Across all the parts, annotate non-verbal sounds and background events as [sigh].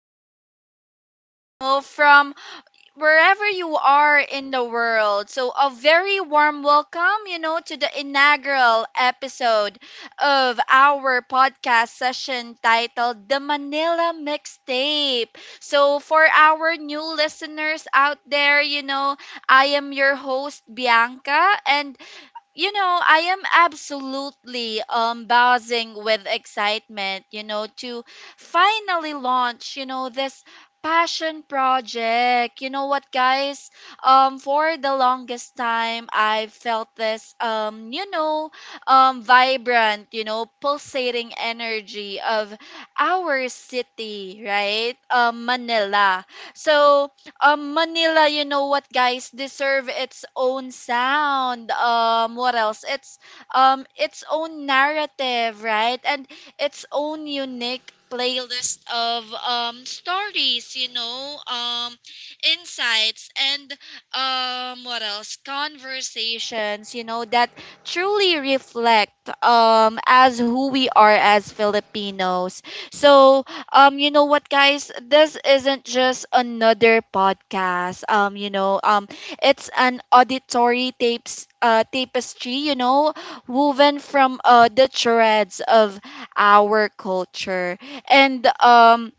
tuning in, from wherever you are in the world. So a very warm welcome, to the inaugural episode of our podcast session titled The Manila Mixtape. So for our new listeners out there, I am your host, Bianca, and I am absolutely buzzing with excitement to finally launch this passion project. You know what, guys? For the longest time I felt this vibrant, pulsating energy of our city, right? Manila. so Manila, you know what, guys, deserve its own sound. What else? It's its own narrative, right? And its own unique playlist of stories, insights, and what else? conversations, that truly reflect as who we are as Filipinos. So you know what, guys? This isn't just another podcast. It's an auditory tapes tapestry, woven from the threads of our culture, and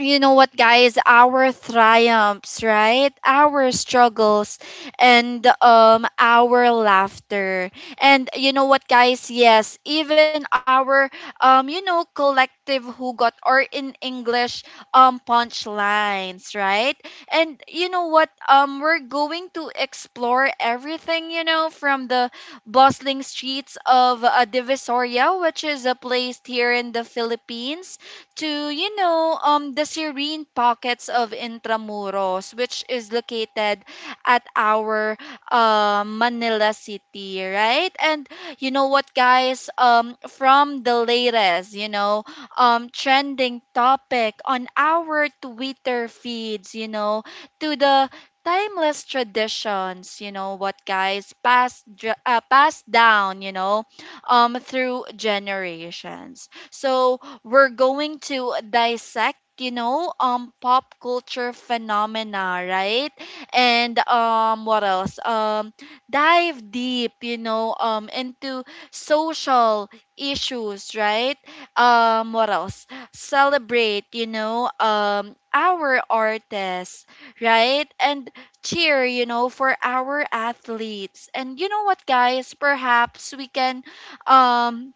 you know what, guys, our triumphs, right, our struggles, and our laughter, and you know what, guys, yes, even our collective who got, or in English, punchlines, right? And you know what, we're going to explore everything, from the bustling streets of Divisoria, which is a place here in the Philippines, to, the serene pockets of Intramuros, which is located at our Manila City, right? And you know what, guys? From the latest, trending topic on our Twitter feeds, to the timeless traditions, you know what, guys, passed down, through generations. So we're going to dissect, pop culture phenomena, right? And what else? Dive deep, into social issues, right? What else? Celebrate, our artists, right? And cheer, for our athletes. And you know what, guys? Perhaps we can um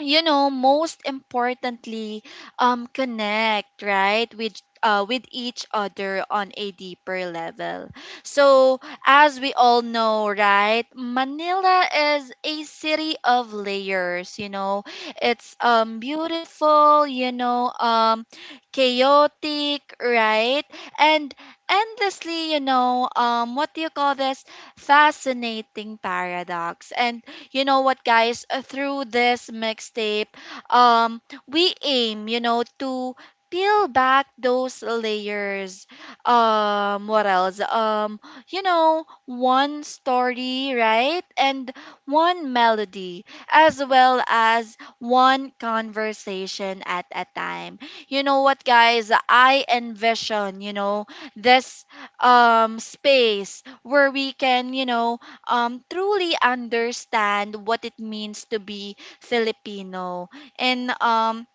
most importantly connect, right, with each other on a deeper level. So as we all know, right, Manila is a city of layers, you know. It's beautiful, chaotic, right? And endlessly, what do you call this? Fascinating paradox. And you know what, guys? Through this mixtape, um, we aim, to peel back those layers. What else? You know, one story, right? And one melody, as well as one conversation at a time. You know what, guys? I envision, this space where we can, truly understand what it means to be Filipino. And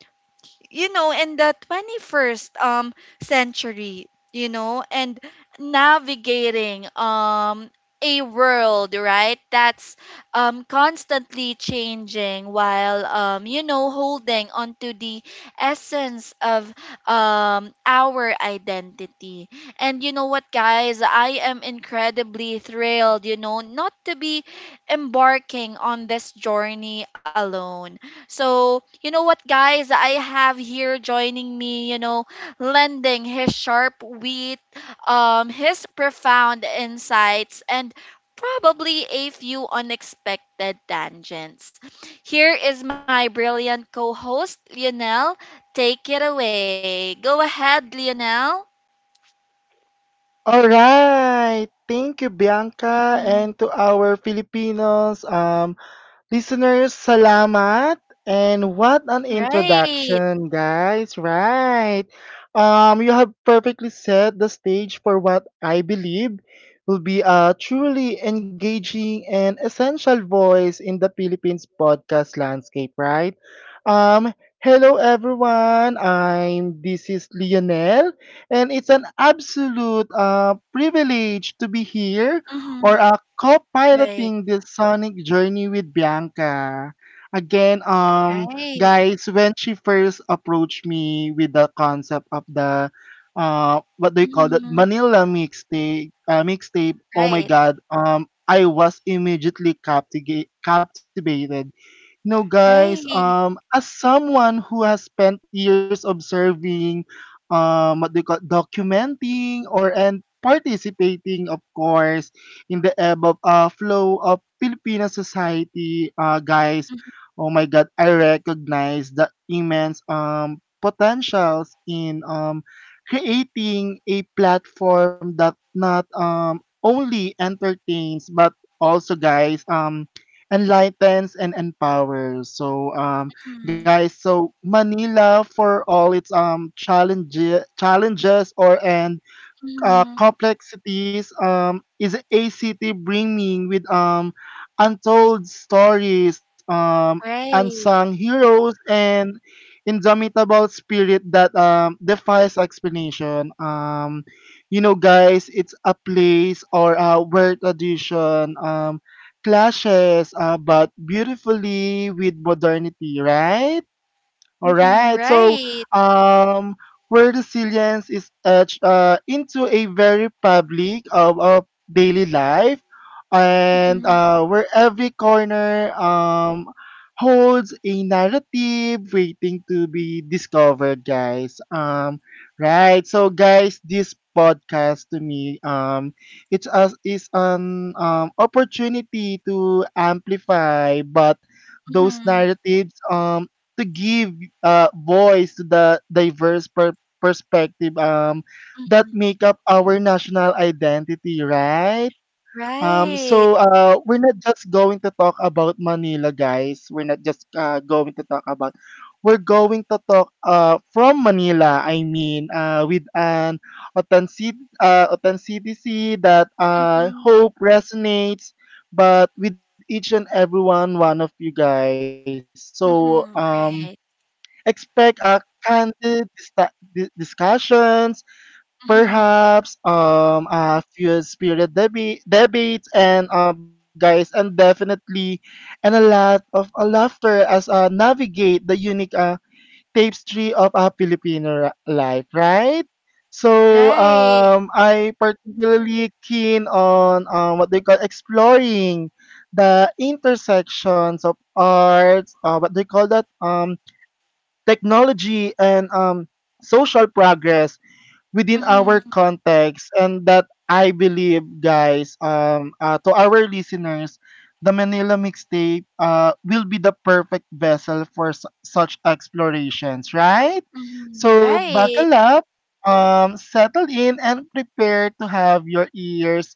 you know, in the 21st century, you know and navigating a world, right, that's constantly changing while holding onto the essence of our identity. And you know what, guys, I am incredibly thrilled, not to be embarking on this journey alone. So, you know what, guys? I have here joining me, lending his sharp wit, his profound insights, and probably a few unexpected tangents. Here is my brilliant co host, Lionel. Take it away. Go ahead, Lionel. All right, thank you, Bianca, and to Mhm. our Filipinos, listeners, salamat. And what an Right. introduction, guys. Right. You have perfectly set the stage for what I believe will be a truly engaging and essential voice in the Philippines podcast landscape, right? Um, Hello everyone. I'm this is Lionel and it's an absolute privilege to be here or Hmm. co-piloting Right. this sonic journey with Bianca. Again, guys, Right. when she first approached me with the concept of the what do you call that Hmm. Manila mixtape? Mixtape. Oh my God! Right. I was captivated no, guys, Right. as someone who has spent years observing, what they call documenting or and participating, of course, in the ebb of flow of Filipino society, guys, Hmm. oh my God, I recognize the immense potentials in creating a platform that not only entertains but also guys enlightens and empowers. So, guys, so Manila for all its challenges or and Hmm. complexities is a city brimming with untold stories, unsung Right. heroes, and indomitable spirit that defies explanation. You know, guys, it's a place or where tradition clashes, but beautifully with modernity, right? All Mhm, right. So, right. um, where resilience is etched into a very public of daily life, and Mhm, where every corner holds a narrative waiting to be discovered, guys. Right. So, guys, this podcast to me it's us is an opportunity to amplify but those mhm. narratives to give voice to the diverse perspective that make up our national identity, right? So Right. We're not just going to talk about Manila, guys. We're not just going to talk about. We're going to talk from Manila. I mean, with an authenticity that I Mhm, hope resonates, but with each and one of you guys. So mhm. Right. expect discussions, Mhm. perhaps a few debates, and guys, and definitely, and a lot of laughter as navigate the unique tapestry of a life, right? So Right. I particularly keen on what they call exploring the intersections of arts, what they call that technology and social progress within our Mhm, context and that I believe guys to our listeners the Manila mixtape will be the perfect vessel for such explorations right mhm. so buckle Right. up settle in and prepare to have your ears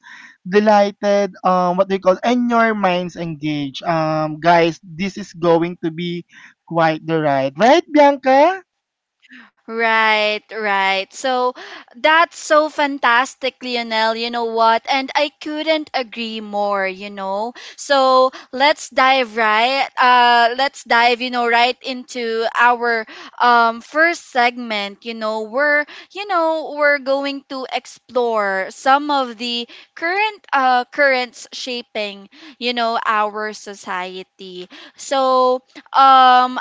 delighted what do you call and your minds engaged guys this is going to be quite the ride right Bianca. Right, right. So that's so fantastic, Lionel. You know what? And I couldn't agree more, you know. So let's dive, right into our first segment. You know, we're going to explore some of the currents shaping, our society. So um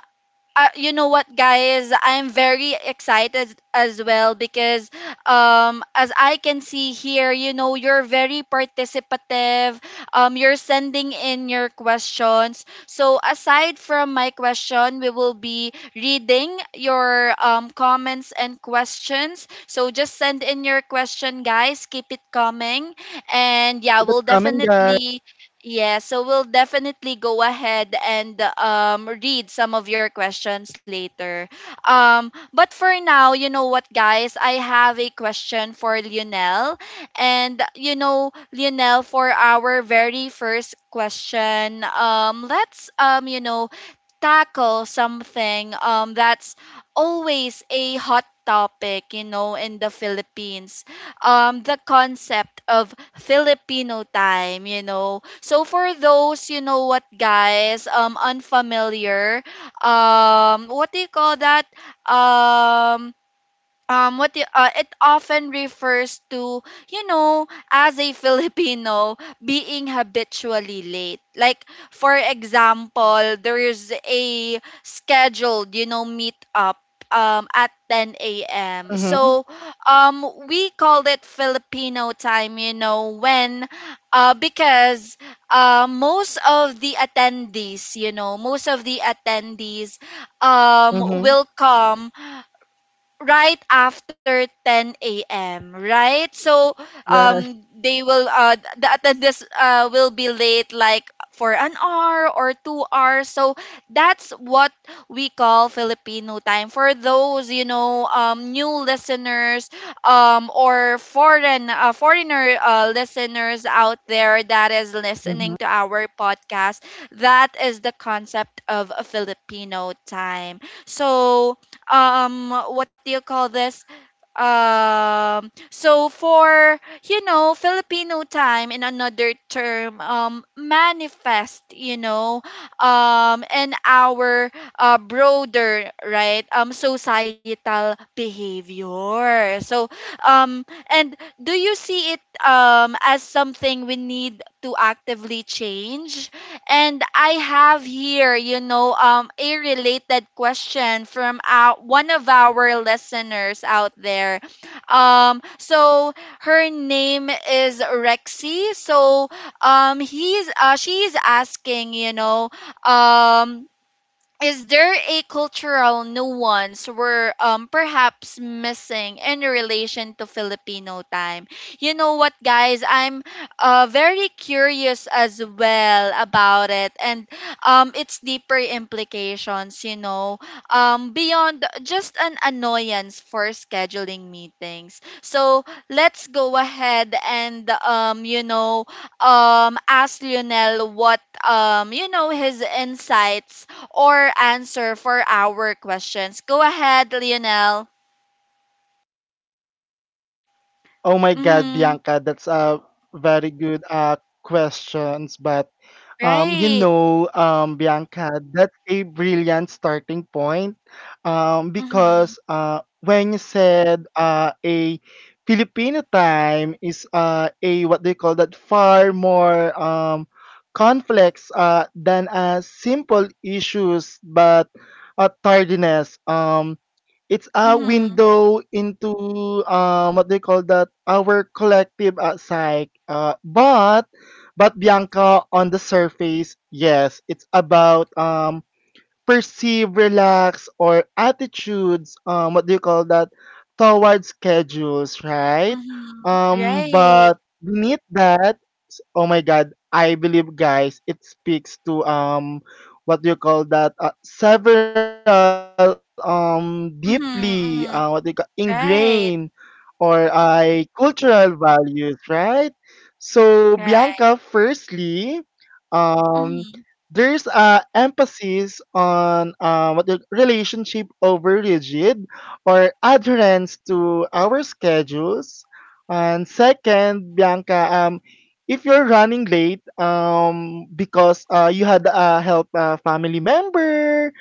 you know what, guys, I'm very excited as well because as I can see here, you know, you're very participative. You're sending in your questions, so aside from my question, we will be reading your comments and questions. So just send in your question, guys, keep it coming, and Keep it coming guys. Yeah, so we'll definitely go ahead and read some of your questions later. But for now, you know what, guys? I have a question for Lionel. And, you know, Lionel, for our very first question, you know, tackle something that's always a hot topic, in the Philippines, the concept of Filipino time. You know, so for those, you know what, guys, unfamiliar, what do you call that um what you, it often refers to, as a [laughs] Filipino being habitually late. Like, for example, there's a scheduled, meet up at 10 a.m. So Mm-hmm. We called it Filipino time, when because most of the attendees, will Mm-hmm. come right after 10 a.m., right? So Right. The attendance will be late, like for an hour or 2 hours. So that's what we call Filipino time, for those, you know, new listeners, or foreign foreigner listeners out there that is listening to Mhm. our podcast, that is the concept of Filipino time. So what do you call this so for, Filipino time, in another term, manifest, in our broader, right, societal behavior. So um and do you see it as something we need to actively change? And I have here, you know, a related question from one of our listeners out there. So her name is Rexy. So he's she's asking, um, is there a cultural nuance we're perhaps missing in relation to Filipino time? You know what, guys? I'm very curious as well about it and its deeper implications. Beyond just an annoyance for scheduling meetings. So let's go ahead and ask Lionel what, his insights or answer for our questions. Go ahead, Lionel. Oh my God, Mm-hmm. Bianca, that's a very good questions, but you Right. know Bianca, that's a brilliant starting point because Mm-hmm. When you said a Filipino time is a what they call that far more complex than a simple issues but tardiness um. It's a window Mm-hmm. into what do you call that? Our collective psyche. But Bianca, on the surface, yes, it's about perceive, relax, or attitudes. What do you call that? Towards schedules, right? Mm-hmm. But Right. beneath that oh my god, I believe guys, it speaks to what do you call that? Several deeply what Mm-hmm. do you call Mm-hmm. ingrained Right. or I cultural values, right? So Right. Bianca, firstly, um, Mm-hmm. there's a emphasis on what the relationship over rigid or adherence to our schedules. And second, Bianca, if you're running late because you had help a family member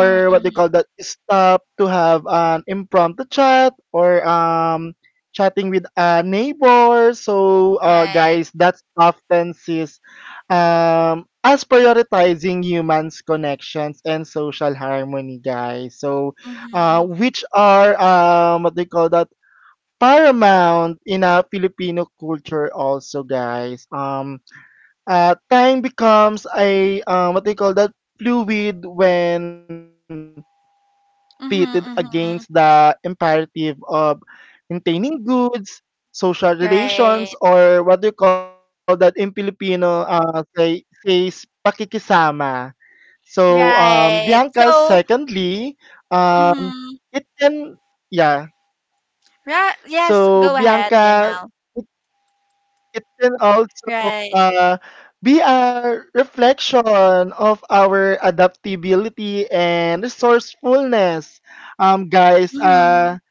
Mm-hmm. what they call that Mm-hmm. stop to have an impromptu chat or chatting with a neighbor so guys Right. that's often sees as prioritizing humans connections and social harmony guys so Mm-hmm. which are what they call that paramount in a Filipino culture also, guys. Time becomes a what they call that fluid when pitted Mm-hmm. against Mm-hmm. the imperative of maintaining goods, social Right. relations, or what do you call that in Filipino say says pakikisama. So, Right. Bianca, So, secondly, um, mm-hmm. it can, yeah. Right. Yes, So, go ahead, Bianca, Lionel. it can also, Right. uh, be a reflection of our adaptability and resourcefulness. Guys, Mm-hmm.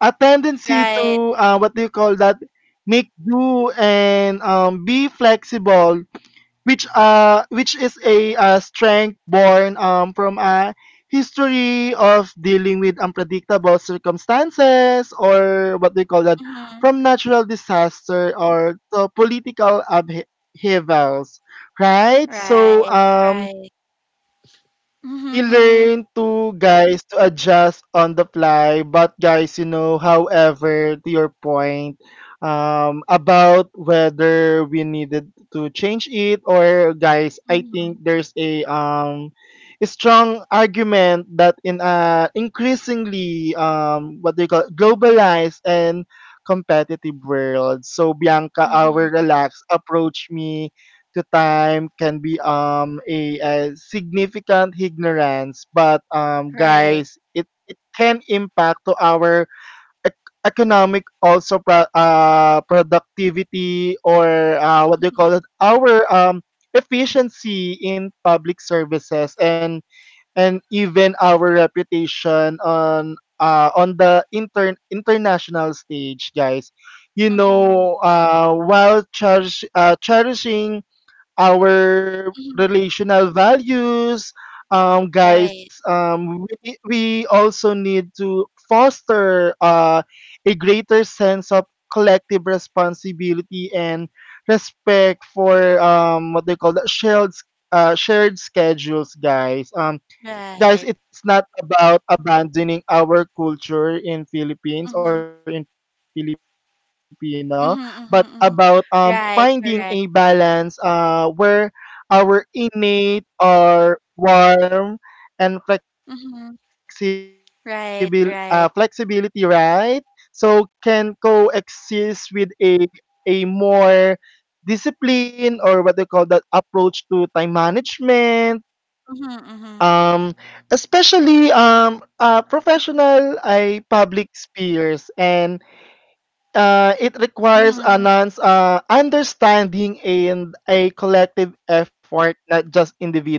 a tendency Right. to, what do you call that? Make do and be flexible which is a strength born from a history of dealing with unpredictable circumstances or what they call that Mm-hmm. from natural disaster or political upheavals right so Right. Right. we Mm-hmm. learn to guys to adjust on the fly, but guys, you know, however, to your point, about whether we needed to change it or guys, I Mm-hmm. think there's a strong argument that in a increasingly what do you call globalized and competitive world. So Bianca, our Mm-hmm. relaxed approach me to time can be a significant ignorance but Right. guys it can impact to our economic also productivity or what do you call Mhm. it our efficiency in public services and even our reputation on the international stage guys you Mhm. know while cherishing our Mhm. relational values. Guys, Right. We also need to foster a greater sense of collective responsibility and respect for what they call shared schedules, guys. Guys, Right. it's not about abandoning our culture in Philippines or Mhm. in Filipino, but about Mhm. finding a Mhm. Mhm. balance Right. Correct. where our innate or warm and flexible flexibility, Mhm. right? So can Right. Right. coexist with a more discipline or what they call that approach to time management um, especially Mhm. Mhm. Professional ay public spheres and it requires a non's Mhm. understanding and a collective effort, not just individual change. Right, Bianca?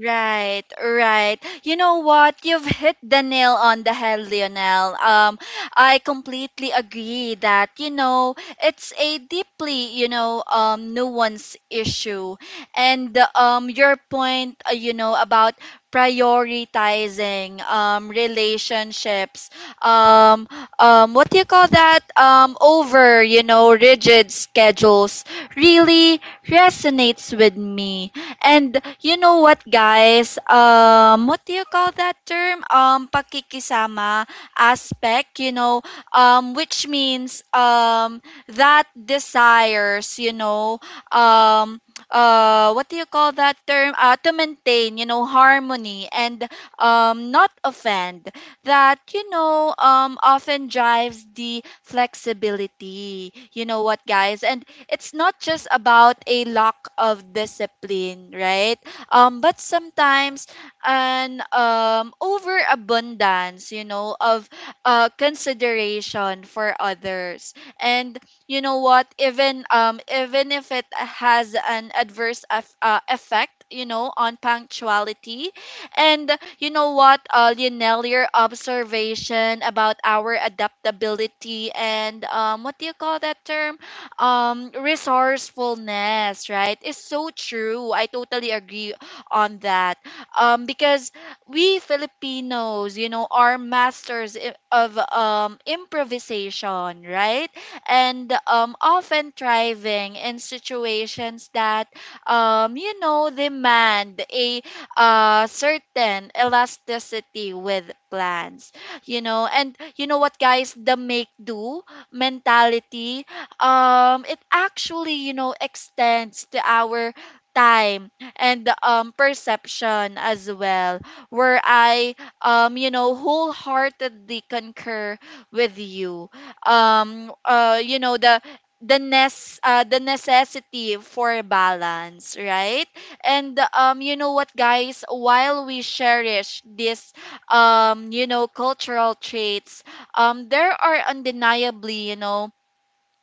Right, right. You know what? You've hit the nail on the head, Lionel. I completely agree that, you know, it's a deeply, you know, nuanced issue. And your point, you know, about prioritizing relationships, um, what do you call that? Over, you know, rigid schedules really resonates with me. And you know what, guys? What do you call that term? Pakikisama aspect, which means that desires, um, what do you call that term? To maintain, you know, harmony, and not offend. That, you know, often drives the flexibility. You know what, guys? And it's not just about a lack of discipline, right? But sometimes an overabundance, of consideration for others. And you know what? Even if it has an effect, on punctuality, and you know what, Lionel, your observation about our adaptability and what do you call that term? Resourcefulness, right, is so true. I totally agree on that, because we Filipinos, you know, are masters of improvisation, right? And often thriving in situations that demand a certain elasticity with plans, you know. And you know what, guys, the make do mentality, it actually, extends to our time and perception as well. Where I wholeheartedly concur with you, you know, the nes the necessity for balance, right? And you know what, guys, while we cherish this, cultural traits, there are undeniably, you know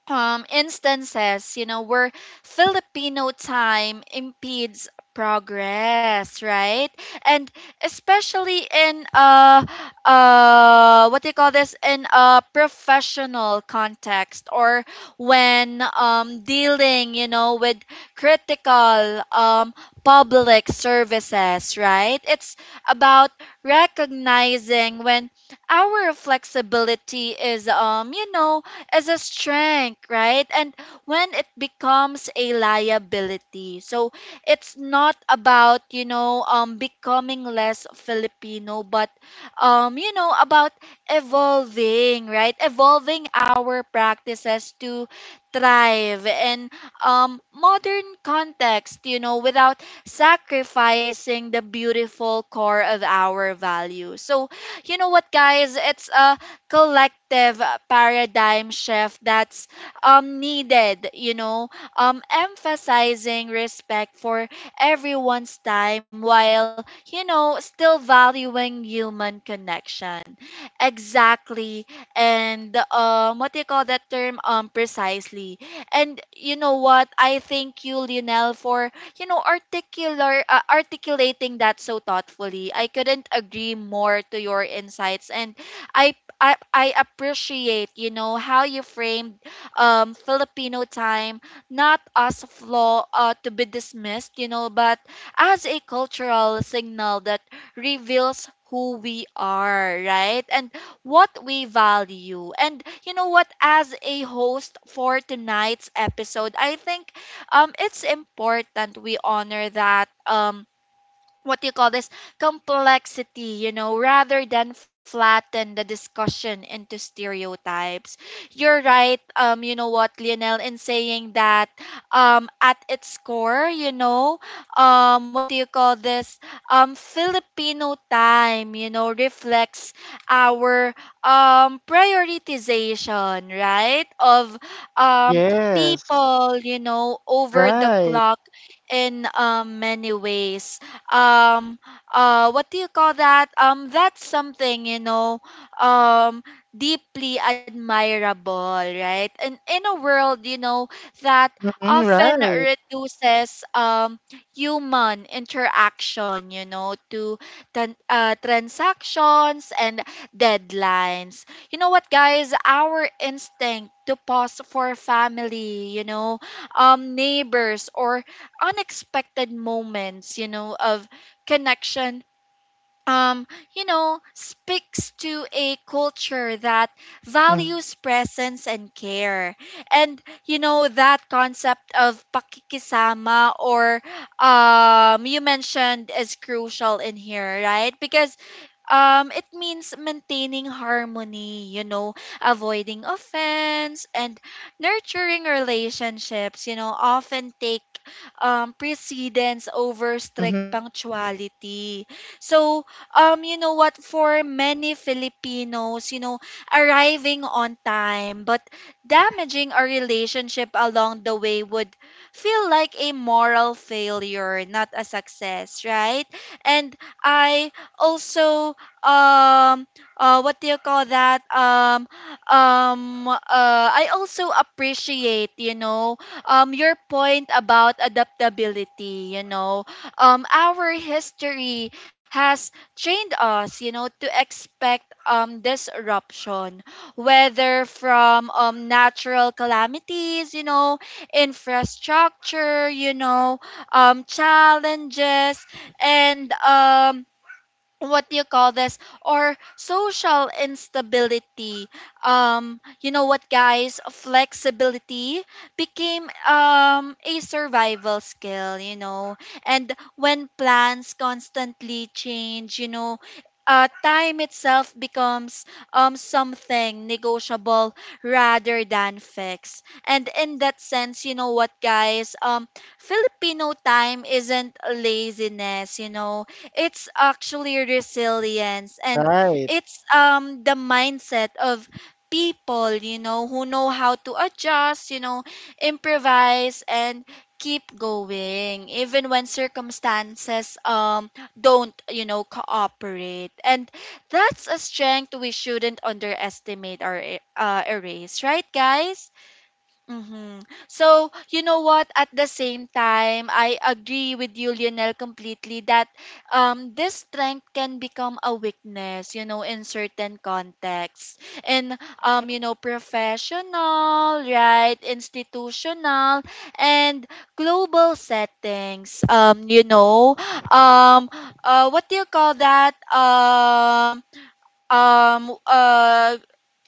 um, instances, where Filipino time impedes progress, right? And especially in what do you call this, in a professional context, or when dealing, with critical public services, right? It's about recognizing when our flexibility is, as a strength, right? And when it becomes a liability. So it's not about, becoming less Filipino, but you know, about evolving, right? Evolving our practices to thrive in modern context, you know, without sacrificing the beautiful core of our values. So, you know what guys, it's a collective paradigm shift that's needed, emphasizing respect for everyone's time while still valuing human connection. Exactly. And what do you call that term precisely. And you know what I thank you, Lionel, for you know articular articulating that so thoughtfully. I couldn't agree more to your insights. And I I appreciate, how you framed Filipino time not as a flaw to be dismissed, but as a cultural signal that reveals who we are, right? And what we value. And as a host for tonight's episode, I think it's important we honor that, what do you call this complexity, rather than flatten the discussion into stereotypes. You're right. You know what Lionel, in saying that, at its core, you know what do you call this Filipino time, reflects our prioritization, right? Of Yes. um people, Right. over the clock in, many ways. Um what do you call that That's something, um deeply admirable, right? And in a world, that Mm-hmm. Right. often reduces human interaction, to transactions and deadlines. You know what guys Our instinct to pause for family, neighbors, or unexpected moments, of connection, um, speaks to a culture that Mm-hmm. values presence and care. And, that concept of pakikisama, Right. or you mentioned, is crucial in here, right? Because, it means maintaining harmony, avoiding Right. offense, and nurturing relationships, often take precedence over strict Mm-hmm. punctuality. So, for many Filipinos, arriving on time but damaging a relationship along the way would feel like a moral failure, not a success, right? And I also um what do you call that I also appreciate, your point about adaptability. Our history has trained us, to expect disruption, whether from natural calamities, infrastructure, challenges, and what do you call this or social instability. You know what guys Flexibility became a survival skill, and when plans constantly change, time itself becomes something negotiable rather than fixed. And in that sense, you know what guys Filipino time isn't laziness, it's actually resilience. And Right. it's the mindset of people, who know how to adjust, improvise, and keep going even when circumstances don't, cooperate. And that's a strength we shouldn't underestimate or erase, right, guys? Mm-hmm. So, you know what? At the same time, I agree with you, Lionel, completely that this strength can become a weakness, in certain contexts. In, professional, right? Institutional and global settings. You know, um, what do you call that? Um, uh,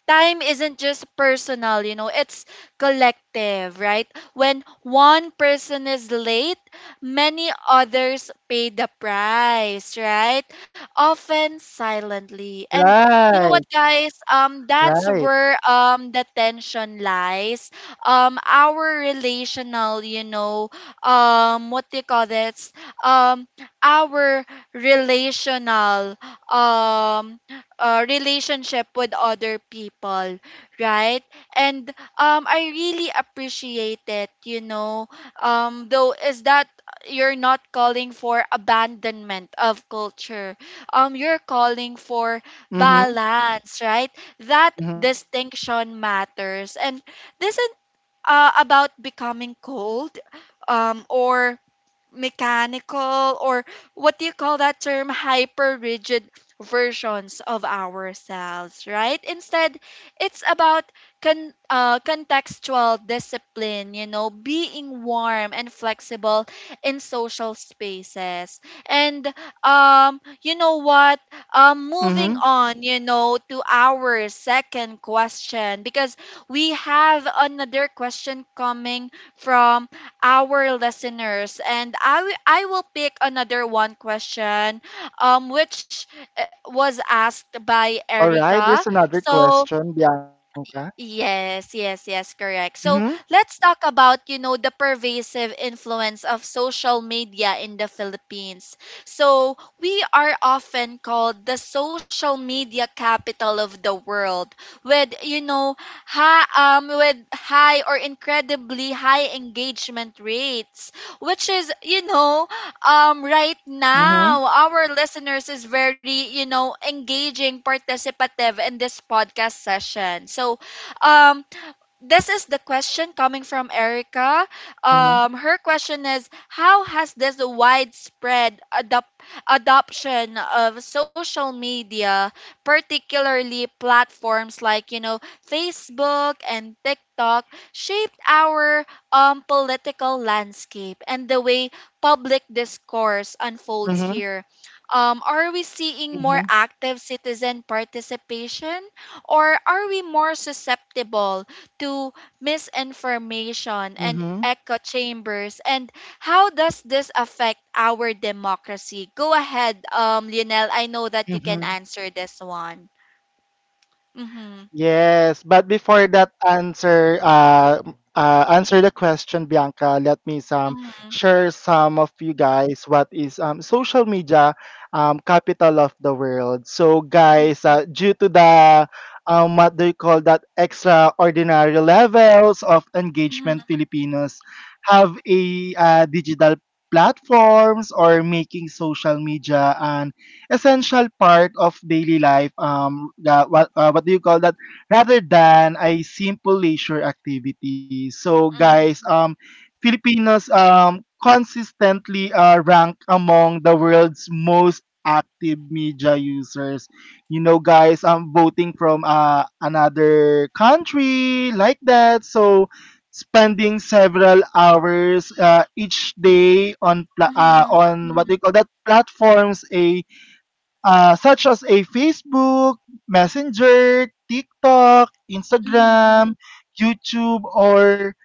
Time isn't just personal, it's collective, right? When one person is late, many others pay the price, right? Often silently. And you know what, Right. guys? That's where Right. The tension lies. Our relational, you know, what do you call this? Um, our relational um relationship with other people, right? And I really appreciate it, though is that you're not calling for abandonment of culture. You're calling for Mm-hmm. balance, right? That Mm-hmm. distinction matters, and this is Right. About becoming cold, or mechanical, or what do you call that term hyper rigid versions of ourselves, right? Instead it's about contextual discipline, being warm and flexible in social spaces. And you know what Mm-hmm. Moving on, to our second question, because we have another question coming from our listeners. And I will pick another one question, which was asked by All right. Erica. There's another So question, Bianca. yes, yes, yes, correct. Mm-hmm. So let's talk about, the pervasive influence of social media in the Philippines. So we are often called the social media capital of the world with, with high or incredibly high engagement rates, which is, right Mhm. now our listeners is very, engaging, participative in this podcast session. So um this is the question coming from Erica. Mhm. Her question is, how has this widespread adoption of social media, particularly platforms like, Facebook and TikTok, shaped our political landscape and the way public discourse unfolds Mhm. here? Are we seeing more Mhm. active citizen participation, or are we more susceptible to misinformation and Mhm. echo chambers? And how does this affect our democracy? Go ahead, Lionel. I know that you can Mhm. answer this one. Mm-hmm. Yes, but before that answer, answer the question, Bianca. Let me some Mm-hmm. share some of you guys what is social media, capital of the world. So guys, due to the what do you call that extraordinary levels of engagement, Mm-hmm. Filipinos have a digital platforms or making social media an essential part of daily life. What do you call that? Rather than a simple leisure activity. So, guys, Mm-hmm. Filipinos consistently rank among the world's most active media users you know guys I'm voting from another country like that so spending several hours each day on Mm-hmm. on what they Mm-hmm. call that platforms a such as a Facebook, Messenger, TikTok, Mm-hmm. Instagram, YouTube, or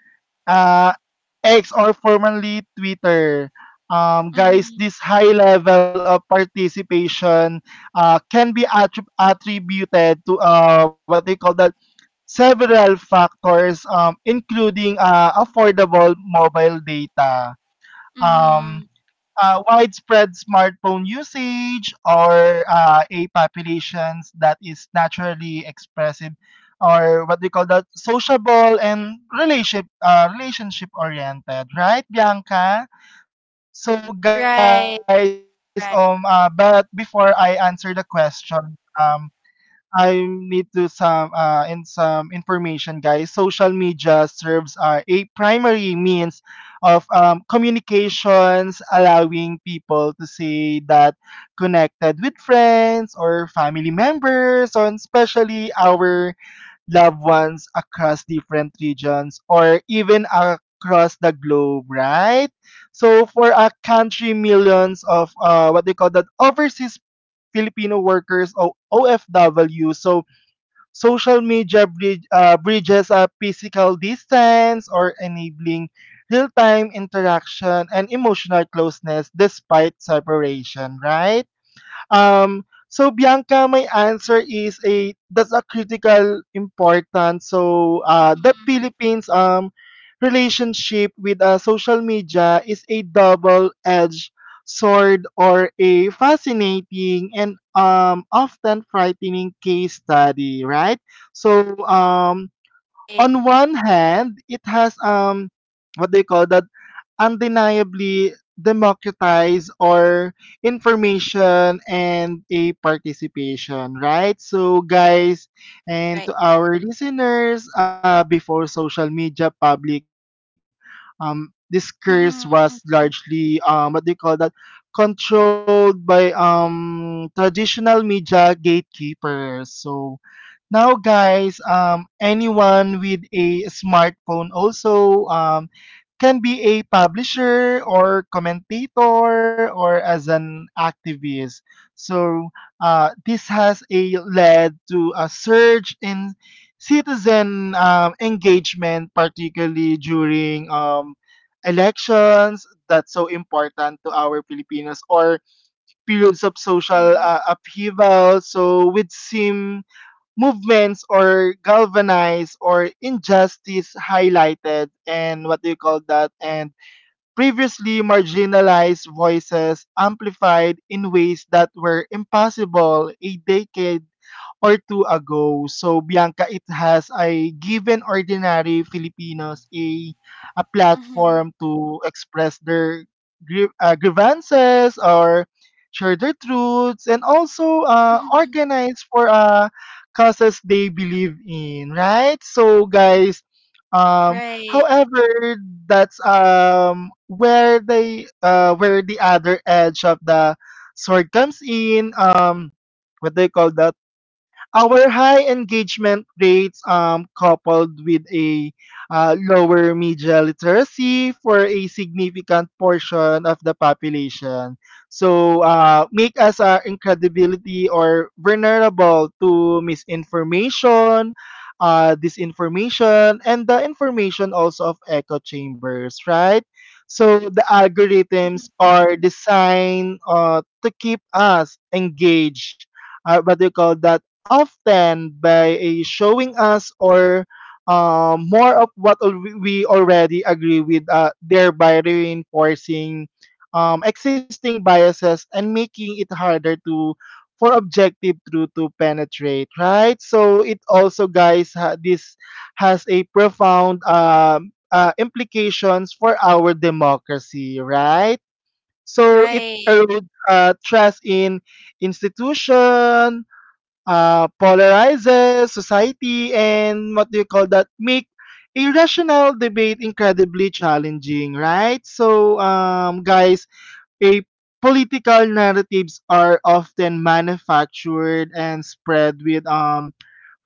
uh, X, or formerly Twitter. Guys, this high level of participation can be attributed to what they call that several factors, including affordable mobile data. Um, Mm-hmm. Widespread smartphone usage or a populations that is naturally expressive or what we call that sociable and relationship oriented right Bianca so guys Right, but before I right, answer the question um I need to some and some information, guys. Social media serves a primary means of communications, allowing people to say that connected with friends or family members, or especially our loved ones across different regions or even across the globe, right? So for a country, millions of what they call that overseas Filipino workers o OFW. So bridges a physical distance or enabling real-time interaction and emotional closeness despite separation, right? So Bianca, my answer is a that's a critical importance. So the Philippines relationship with social media is a double-edged sword or a fascinating and often frightening case study, right? So right, on one hand, it has what they call that undeniably democratize or information and a participation, right? So guys, and right. to our listeners, before social media public discourse Mm-hmm. was Mm-hmm. largely what they call that controlled by traditional media gatekeepers. So now guys anyone with a smartphone also can be a publisher or commentator or as an activist so this has a led to a surge in citizen engagement particularly during elections that's so important to our Filipinos or periods of social Mm-hmm. Upheaval so with sim movements or galvanize or injustice highlighted and what do you call that and previously marginalized voices amplified in ways that were impossible a decade or two ago. So, Bianca, it has a given ordinary Filipinos a Mm-hmm. platform to express their grievances or share their truths and also Mm-hmm. organize for causes they believe in, right? Um, Right. However, that's where the other edge of the sword comes in. What they call that? Our high engagement rates coupled with a lower media literacy for a significant portion of the population make us incredibility or vulnerable to misinformation, disinformation, and the information also of echo chambers, right? So the algorithms Mm-hmm. are designed to keep us engaged. What do you call that Often by a showing us or more of what we already agree with, thereby reinforcing existing biases and making it harder to for objective truth to penetrate. Right. So it also, guys, this has a profound implications for our democracy. Right. So it Right. erodes trust in institution, polarizes society, and what do you call that, make irrational debate incredibly challenging, right? So um, guys a political narratives are often manufactured and spread with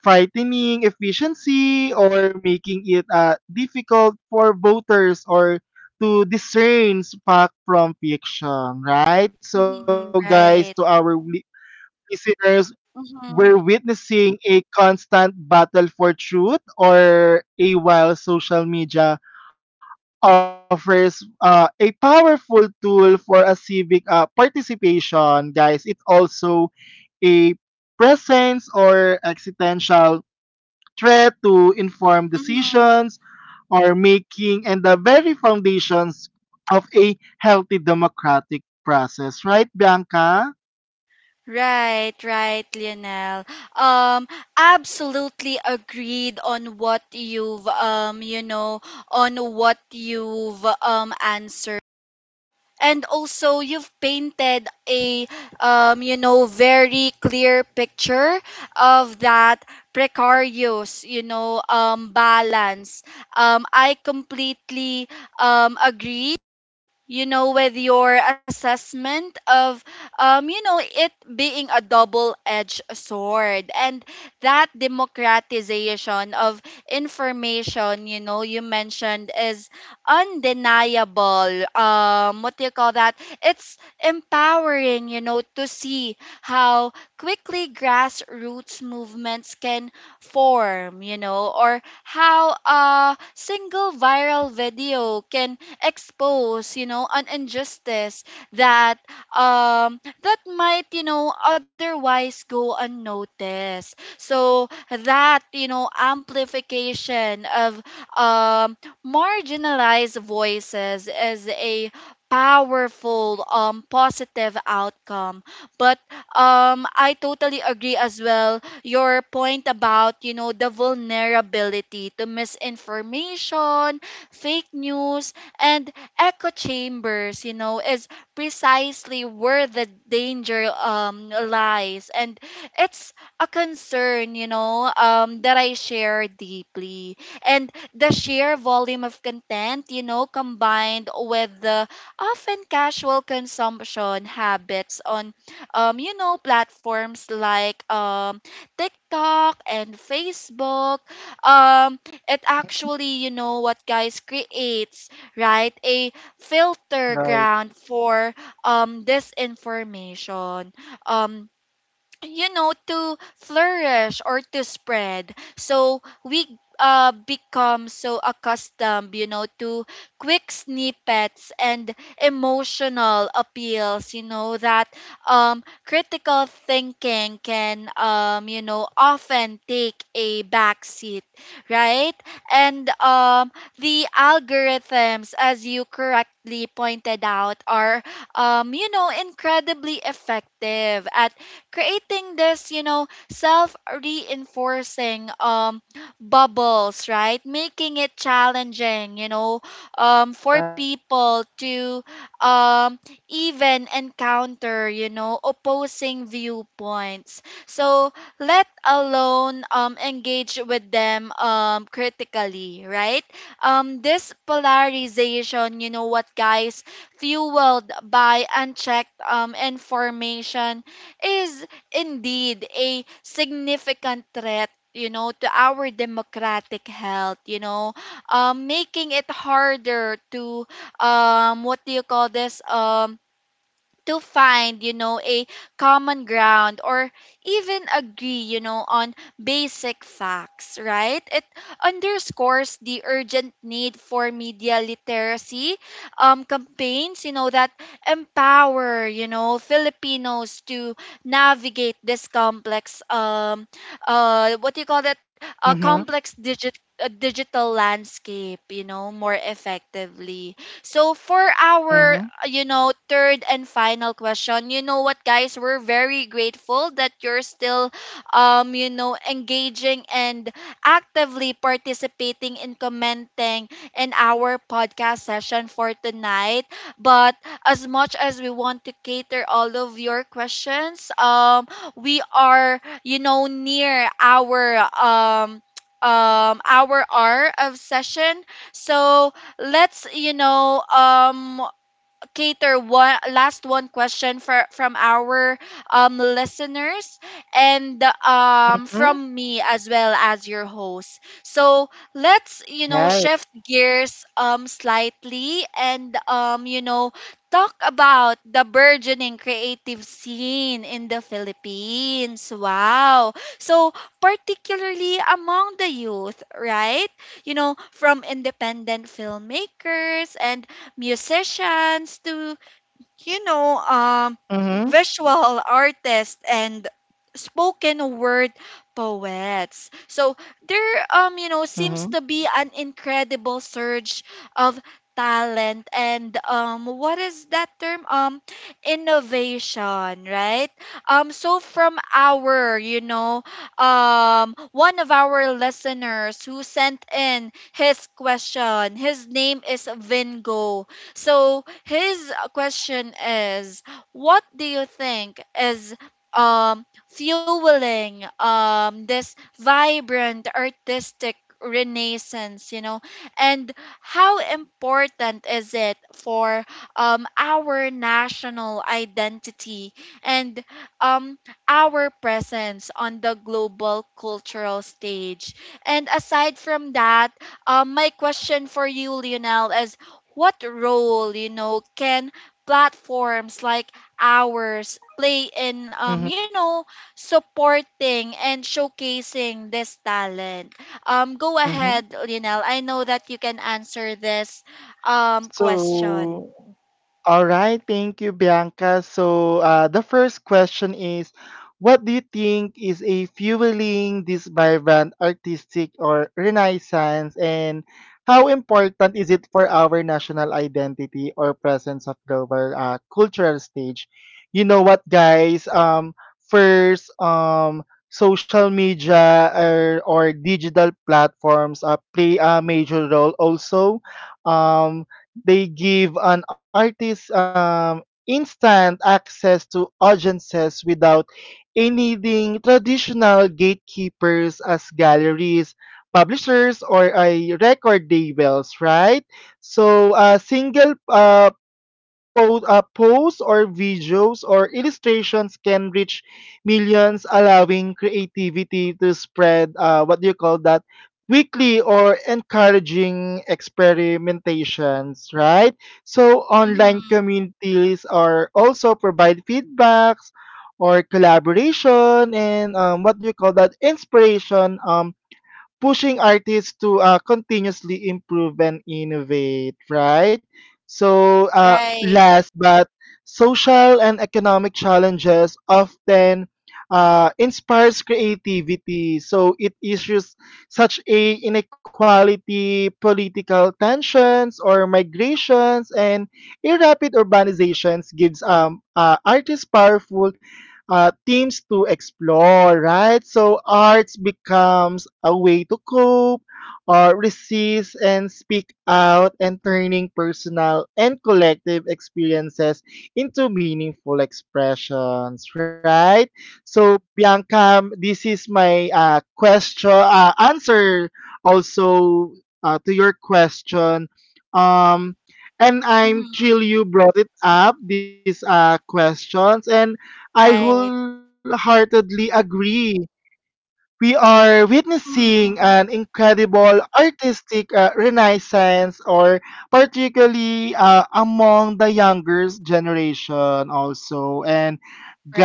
frightening efficiency, or making it difficult for voters or to discern fact from fiction, right? So Mm-hmm. guys, to our Right. Listeners, we're witnessing a constant battle for truth, or a while social media offers a powerful tool for a civic participation, guys, it's also a presence or existential threat to informed Mm-hmm. decisions or making, and the very foundations of a healthy democratic process, right, Bianca? Right, right, Lionel. Um, absolutely agreed on what you've on what you've answered. And also you've painted a very clear picture of that precarious, balance. I completely agree, with your assessment of, it being a double edged sword. And that democratization of information, you mentioned is undeniable. What do you call that? It's empowering, to see how quickly grassroots movements can form, or how a single viral video can expose, an injustice that that might, otherwise go unnoticed. So that, amplification of um marginalized voices is a powerful positive outcome. But I totally agree as well your point about, the vulnerability to misinformation, fake news, and echo chambers, is precisely where the danger lies. And it's a concern, that I share deeply. And the sheer volume of content, combined with the often casual consumption habits on, platforms like, TikTok and Facebook, um it actually, you know what guys creates, right, a filter Right. ground for disinformation, Um to flourish or to spread. So we become so accustomed, to quick snippets and emotional appeals, that critical thinking can, often take a back seat, right? And the algorithms, as you correctly pointed out, are incredibly effective at creating this, self reinforcing bubbles, right? Making it challenging, Right. For people to um, even encounter, opposing viewpoints. So let alone engage with them critically, right? This polarization, fueled by unchecked information, is indeed a significant threat, to our democratic health, making it harder to what do you call this to find, a common ground, or even agree, on basic facts, right? It underscores the urgent need for media literacy campaigns, that empower, Filipinos to navigate this complex, what do you call that? a Mm-hmm. complex a digital landscape, more effectively. So for our, Mm-hmm. Third and final question, we're very grateful that you're still, engaging and actively participating in commenting in our podcast session for tonight. But as much as we want to cater all of your questions, we are, near our hour of session. So let's, cater one last one question for from our listeners, and Mm-hmm. from me as well as your host. So let's, Right. shift gears slightly, and talk about the burgeoning creative scene in the Philippines. Wow. So particularly among the youth, right? You know, from independent filmmakers and musicians to, you know Mhm. um visual artists and spoken word poets. So there, Mhm. seems to be an incredible surge of talent and, what is that term innovation, right? So from our, one of our listeners who sent in his question, his name is Vingo. So his question is, what do you think is fueling this vibrant artistic renaissance, and how important is it for our national identity and um our presence on the global cultural stage? And aside from that, my question for you, Lionel, is, what role, can platforms like ours play in, Mhm. Supporting and showcasing this talent? Go Mhm. ahead, Lionel, I know that you can answer this question. So, all right. Thank you, Bianca. So, the first question is, what do you think is a fueling this vibrant artistic or renaissance, and how important is it for our national identity or presence of global cultural stage? You know what, guys? First, social media, or digital platforms play a major role also. Um, they give an artist instant access to audiences without a needing traditional gatekeepers as galleries, publishers, or a record labels, right? So a single posts or videos or illustrations can reach millions, allowing creativity to spread. What do you call that? Quickly or encouraging experimentations, right? So online Mm-hmm. communities are also provide feedbacks or collaboration, and what do you call that inspiration, pushing artists to continuously improve and innovate, right? So, Right. last but social and economic challenges often inspires creativity. So it issues such a inequality, political tensions, or migrations, and a rapid urbanizations gives artists powerful themes to explore, right? So arts becomes a way to cope or resist and speak out, and turning personal and collective experiences into meaningful expressions, right? So Bianca, this is my question answer also to your question. Um, and I'm Mm-hmm. thrilled you brought it up, these questions. And I Right. wholeheartedly agree. We are witnessing Mm-hmm. an incredible artistic renaissance, or particularly among the younger generation, also. And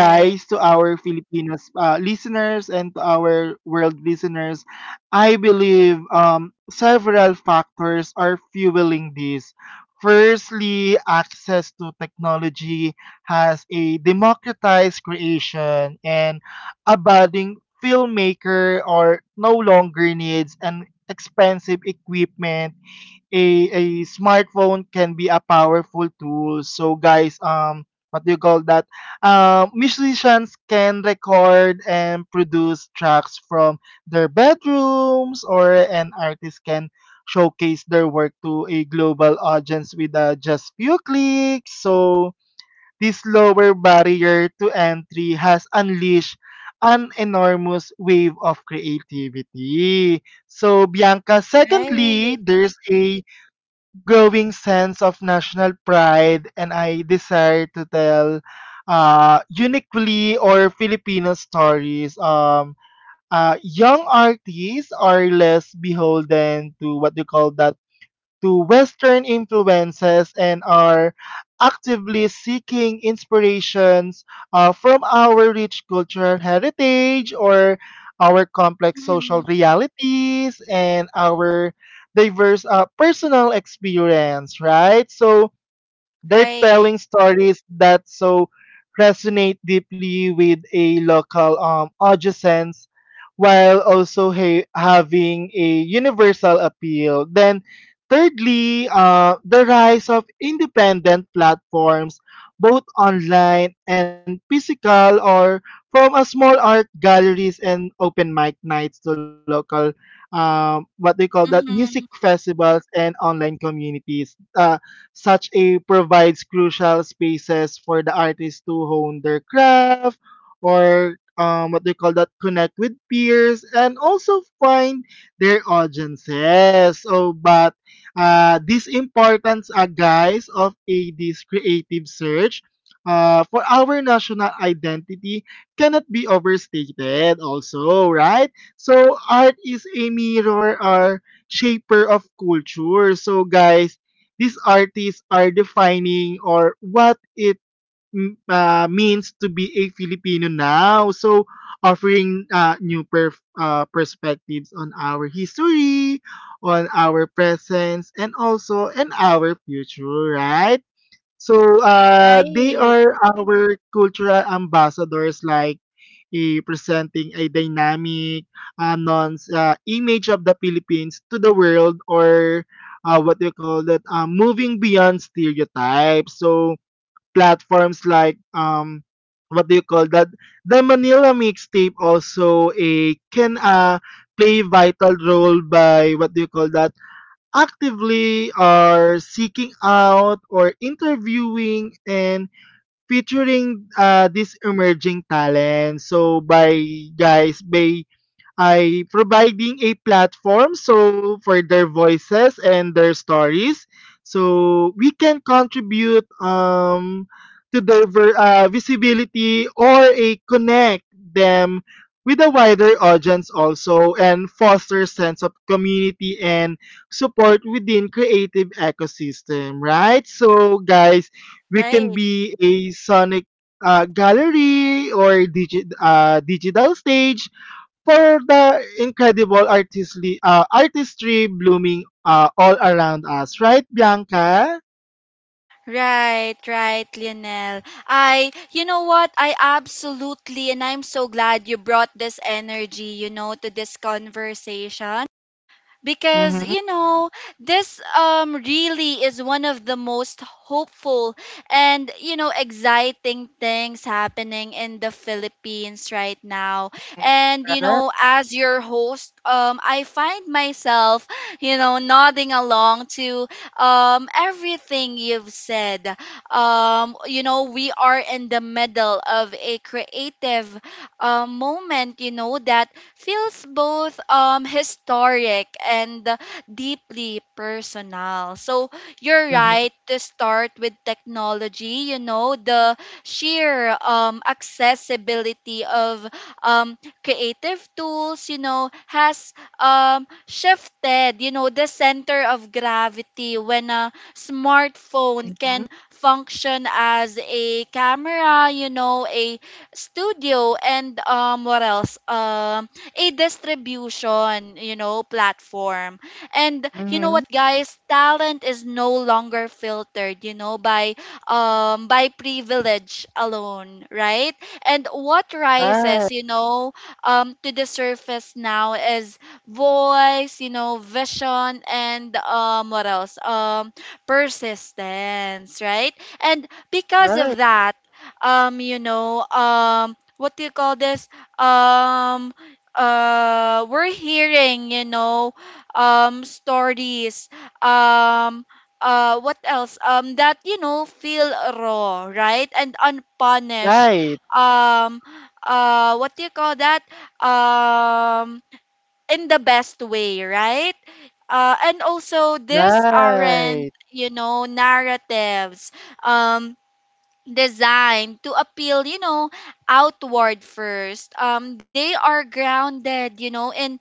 Right, to our Filipinos listeners and to our world listeners, I believe several factors are fueling this. Firstly, access to technology has a democratized creation, and a budding filmmaker or no longer needs an expensive equipment, a a smartphone can be a powerful tool. So guys, what do you call that? Musicians can record and produce tracks from their bedrooms, or an artist can showcase their work to a global audience with just few clicks. So this lower barrier to entry has unleashed an enormous wave of creativity. So Bianca, secondly, right. there's a growing sense of national pride, and I desire to tell uniquely or Filipino stories. Young artists are less beholden to what we call that to Western influences, and are actively seeking inspirations from our rich cultural heritage, or our complex social Mm-hmm. realities, and our diverse personal experience, right? So, they're telling Right. stories that so resonate deeply with a local audience while also having a universal appeal. Then, thirdly, the rise of independent platforms, both online and physical, or from a small art galleries and open mic nights to local, what they call that, music Mm-hmm. festivals and online communities. Such a provides crucial spaces for the artists to hone their craft or what they call that, connect with peers and also find their audiences. So, but this importance, guys, of this creative search for our national identity cannot be overstated also, right? So art is a mirror or shaper of culture. So guys, these artists are defining or what it means to be a Filipino now. So, offering perspectives on our history, on our presence, and also in our future, right? So they Right, are our cultural ambassadors, like presenting a dynamic, non image of the Philippines to the world, or what do you call that? Moving beyond stereotypes. So platforms like what do you call that? the Manila mixtape also a can play vital role by what do you call that? Actively are seeking out, or interviewing and featuring this emerging talent. So by guys, by I providing a platform so for their voices and their stories, so we can contribute to their visibility, or a connect them with a wider audience also, and foster sense of community and support within creative ecosystem, right? So guys, we can right. be a sonic gallery, or digital stage for the incredible artistry blooming all around us, right, Bianca? Right, right, Lionel. I, you know what? I absolutely, and I'm so glad you brought this energy, to this conversation because Mm-hmm. you know this really is one of the most hopeful and exciting things happening in the Philippines right now. And Right. As your host, I find myself nodding along to everything you've said. You know, we are in the middle of a creative moment that feels both historic and deeply personal. So you're Mm-hmm. right to start with technology, you know, the sheer accessibility of um creative tools, you know, has shifted, you know, the center of gravity. When a smartphone can function as a camera, you know, a studio, and what else? A distribution, you know, platform. And you know Mm-hmm. what, guys? Talent is no longer filtered, you know, by privilege alone, right? And what Right. rises, you know, to the surface now is voice, you know, vision, and what else? Persistence, right? And because of Right. that, what do you call this? Um we're hearing, stories um what else that feel raw, right, and unpunished, Right. um what do you call that um in the best way, right. And also, these aren't Right. Narratives um designed to appeal, you know, outward first. They are grounded, you know, in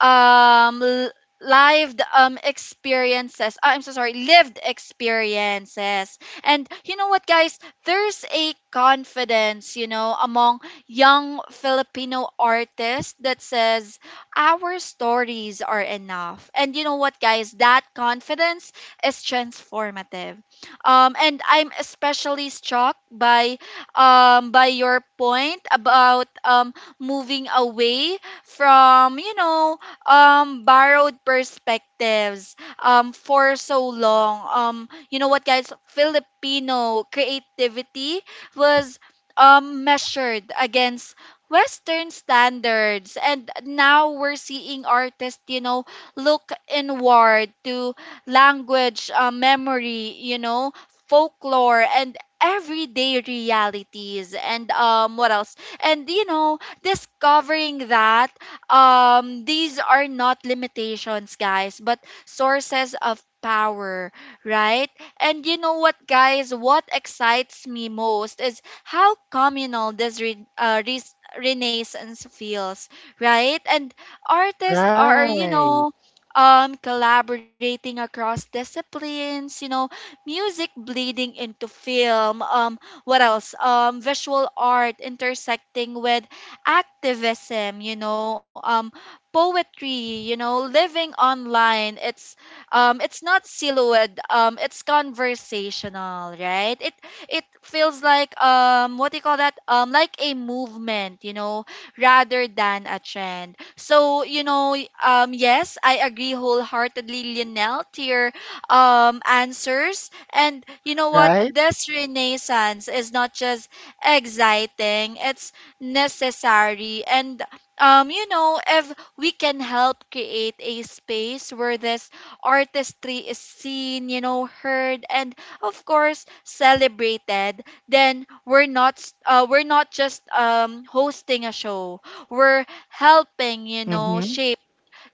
um l- lived experiences. Ah, I'm so sorry, lived experiences. And you know what, guys? There's a confidence, among young Filipino artists that says our stories are enough. And you know what, guys? That confidence is transformative. And I'm especially struck by your point about moving away from, borrowed perspectives. For so long, you know what, guys, Filipino creativity was measured against Western standards, and now we're seeing artists, look inward to language, memory, folklore, and everyday realities, and what else and discovering that these are not limitations, guys, but sources of power, right? And you know what, guys? What excites me most is how communal this renaissance feels, right? And artists are, Right. Collaborating across disciplines, you know, music bleeding into film, what else visual art intersecting with activism, poetry, living online. It's it's not silhouette, it's conversational, right? It feels like what do you call that like a movement, rather than a trend. So, yes, I agree wholeheartedly, Lionel, to your answers. And you know what? Right. This renaissance is not just exciting, it's necessary. And if we can help create a space where this artistry is seen, you know, heard, and of course celebrated, then we're not we're not just hosting a show. We're helping, you know, Mm-hmm. shape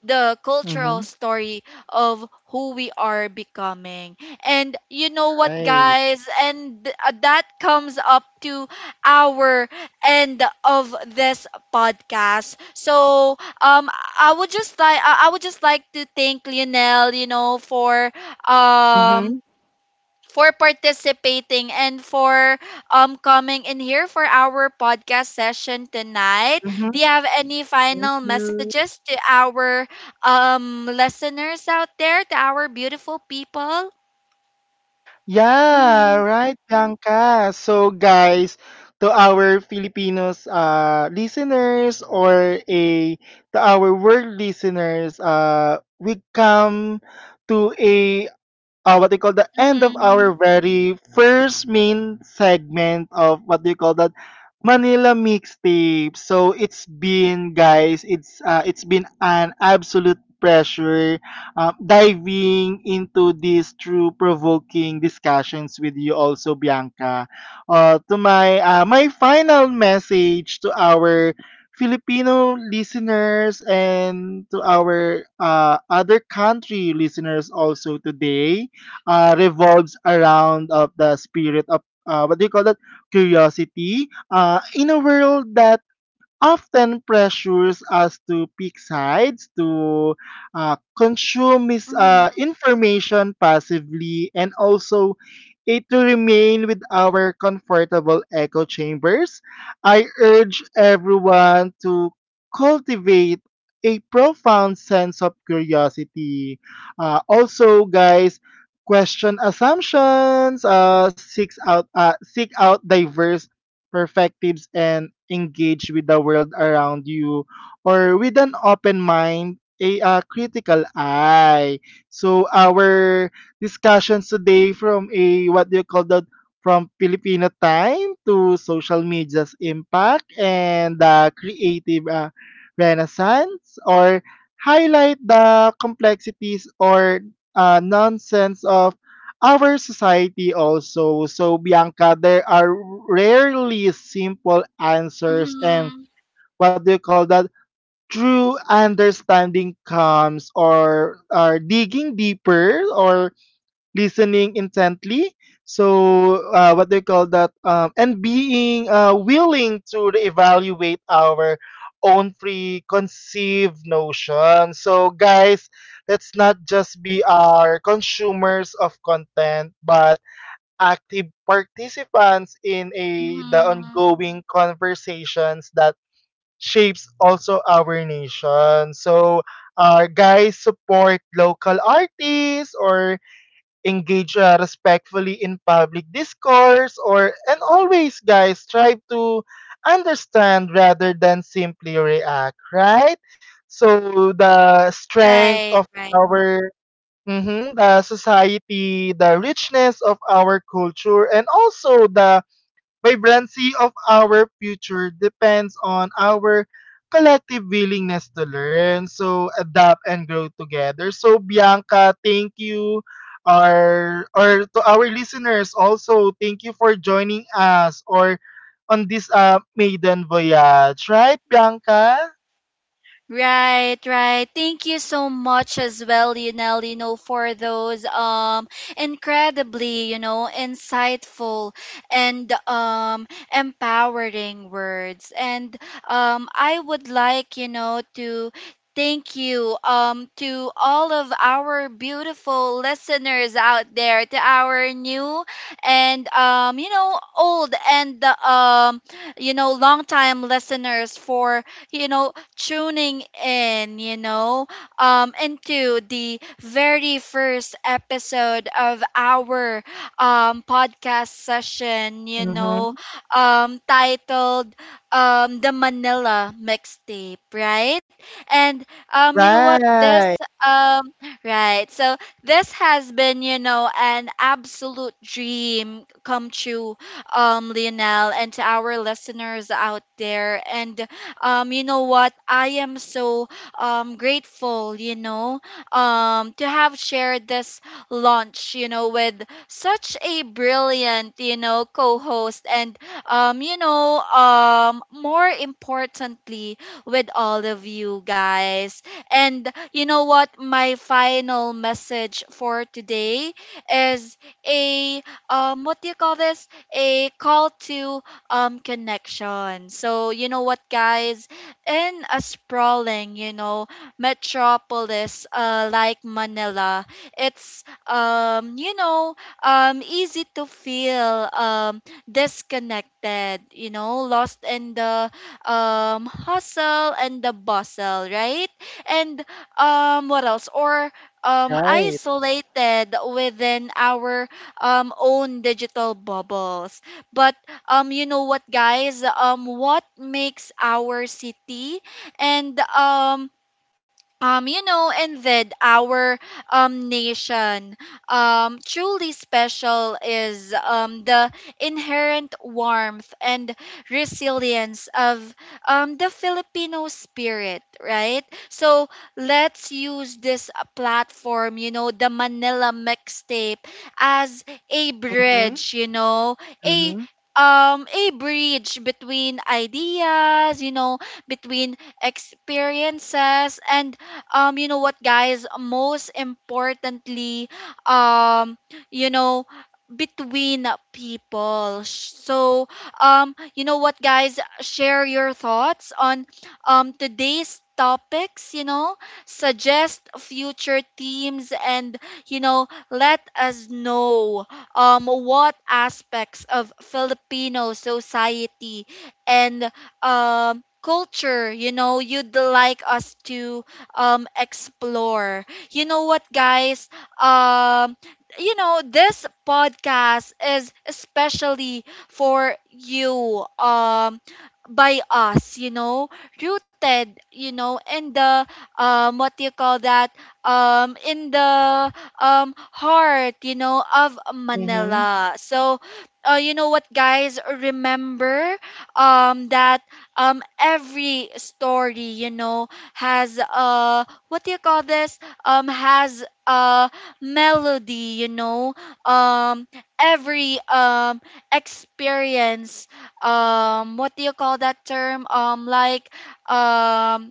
the cultural Mm-hmm. story of who we are becoming. And you know what, Right. guys? That comes up to our end of this podcast. So, um, I would just like, I would just like to thank Lionel, you know, um Mm-hmm. for participating and for coming in here for our podcast session tonight. Mm-hmm. Do you have any Thank final you. messages to our listeners out there, to our beautiful people? Yeah, Mm-hmm. right, Bianca. So, guys, to our Filipinos listeners, or a to our world listeners, we come to a what they call the end of our Mm-hmm. very first main segment of what they call that, Manila mixtape. So it's been guys, it's been an absolute pleasure diving into these true provoking discussions with you also, Bianca. To my My final message to our Filipino listeners and to our other country listeners also today revolves around of the spirit of what do you call that curiosity in a world that often pressures us to pick sides, to consume Mm-hmm. information passively, and also it to remain with our comfortable echo chambers. I urge everyone to cultivate a profound sense of curiosity. Also, guys, question assumptions, seek out diverse perspectives and engage with the world around you, or with an open mind, a critical eye. So our discussions today from a what do you call that from Filipino time to social media's impact and the creative renaissance, or highlight the complexities, or nonsense of our society also. So Bianca, there are rarely simple answers, and Mm-hmm. what do you call that? True understanding comes or are digging deeper, or listening intently. So what do you call that? And being willing to evaluate our own preconceived notion. So guys, let's not just be our consumers of content, but active participants in a the Mm-hmm. ongoing conversations that shapes also our nation. So, guys, support local artists, or engage respectfully in public discourse, or and always, guys, try to understand rather than simply react. Right. So the strength Right, of right. our the society, the richness of our culture, and also the vibrancy of our future depends on our collective willingness to learn, so adapt and grow together. So Bianca, thank you. Our, or to our listeners also, thank you for joining us or on this maiden voyage. Right, Bianca? Right, right. Thank you so much as well, Lionel, you know, for those incredibly, you know, insightful and empowering words. And I would like, you know, to thank you, to all of our beautiful listeners out there, to our new and you know, old, and you know, long time listeners for tuning in, you know, into the very first episode of our podcast session, you know, Mm-hmm. Titled The Manila Mixtape, right? And you know what? This, Right. um, right. So this has been, you know, an absolute dream come true, Lionel, and to our listeners out there. And you know what? I am so grateful, to have shared this launch, you know, with such a brilliant, co-host, and more importantly, with all of you guys. And you know what? My final message for today is a what do you call this a call to connection. So you know what, guys, in a sprawling, you know, metropolis like Manila, it's easy to feel disconnected, you know, lost in the hustle and the bustle, right? And what else? Or Right. isolated within our own digital bubbles. But you know what, guys? What makes our city and you know, and then our nation, truly special is the inherent warmth and resilience of the Filipino spirit, right? So let's use this platform, you know, the Manila Mixtape, as a Mm-hmm. bridge, you know, a Mm-hmm. A bridge between ideas, you know, between experiences, and you know what, guys, most importantly, um you know between people. So, you know what, guys, share your thoughts on today's topics, suggest future themes, and let us know what aspects of Filipino society and culture, you'd like us to explore. You know what, guys? Um you know, this podcast is especially for you, by us, rooted, in the what do you call that in the heart, of Mm-hmm. Manila. So you know what, guys, remember that every story, has what do you call this has melody, um every experience, what do you call that term um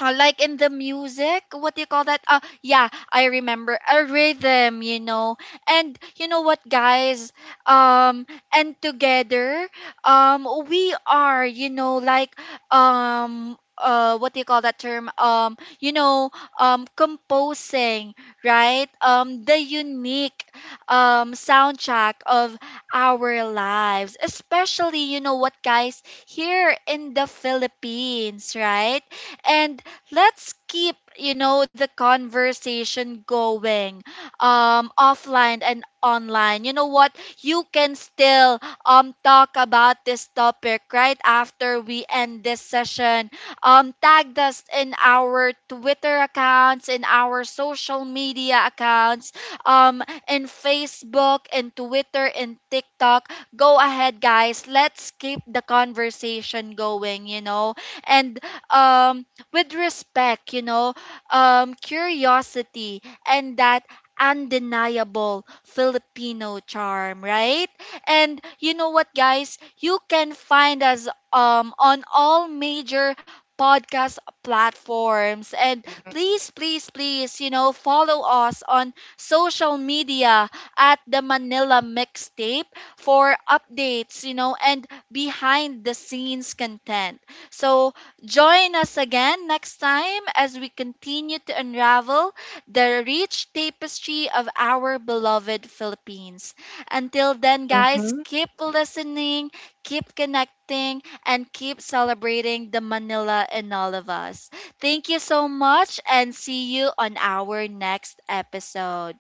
like in the music, what do you call that, yeah I remember a rhythm, you know. And you know what, guys? um and together, we are, like what do you call that term you know composing, right, the unique soundtrack of our lives. Especially, you know what, guys, here in the Philippines, right? And let's keep, the conversation going, offline and online. You know what, you can still talk about this topic right after we end this session. Tag us in our Twitter accounts, in our social media accounts, in Facebook, in Twitter, in TikTok. Go ahead, guys, let's keep the conversation going, you know. And um with respect, you know, curiosity, and that undeniable Filipino charm, right? And you know what, guys? You can find us on all major podcast platforms, and please, please, please, you know, follow us on social media at The Manila Mixtape for updates, you know, and behind the scenes content. So join us again next time as we continue to unravel the rich tapestry of our beloved Philippines. Until then, guys, Mhm. keep listening, keep connecting, and keep celebrating the Manila in all of us. Thank you so much and see you on our next episode.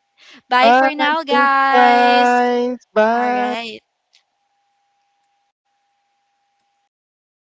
Bye Bye. for now, Thank you, guys. guys. All Bye. right.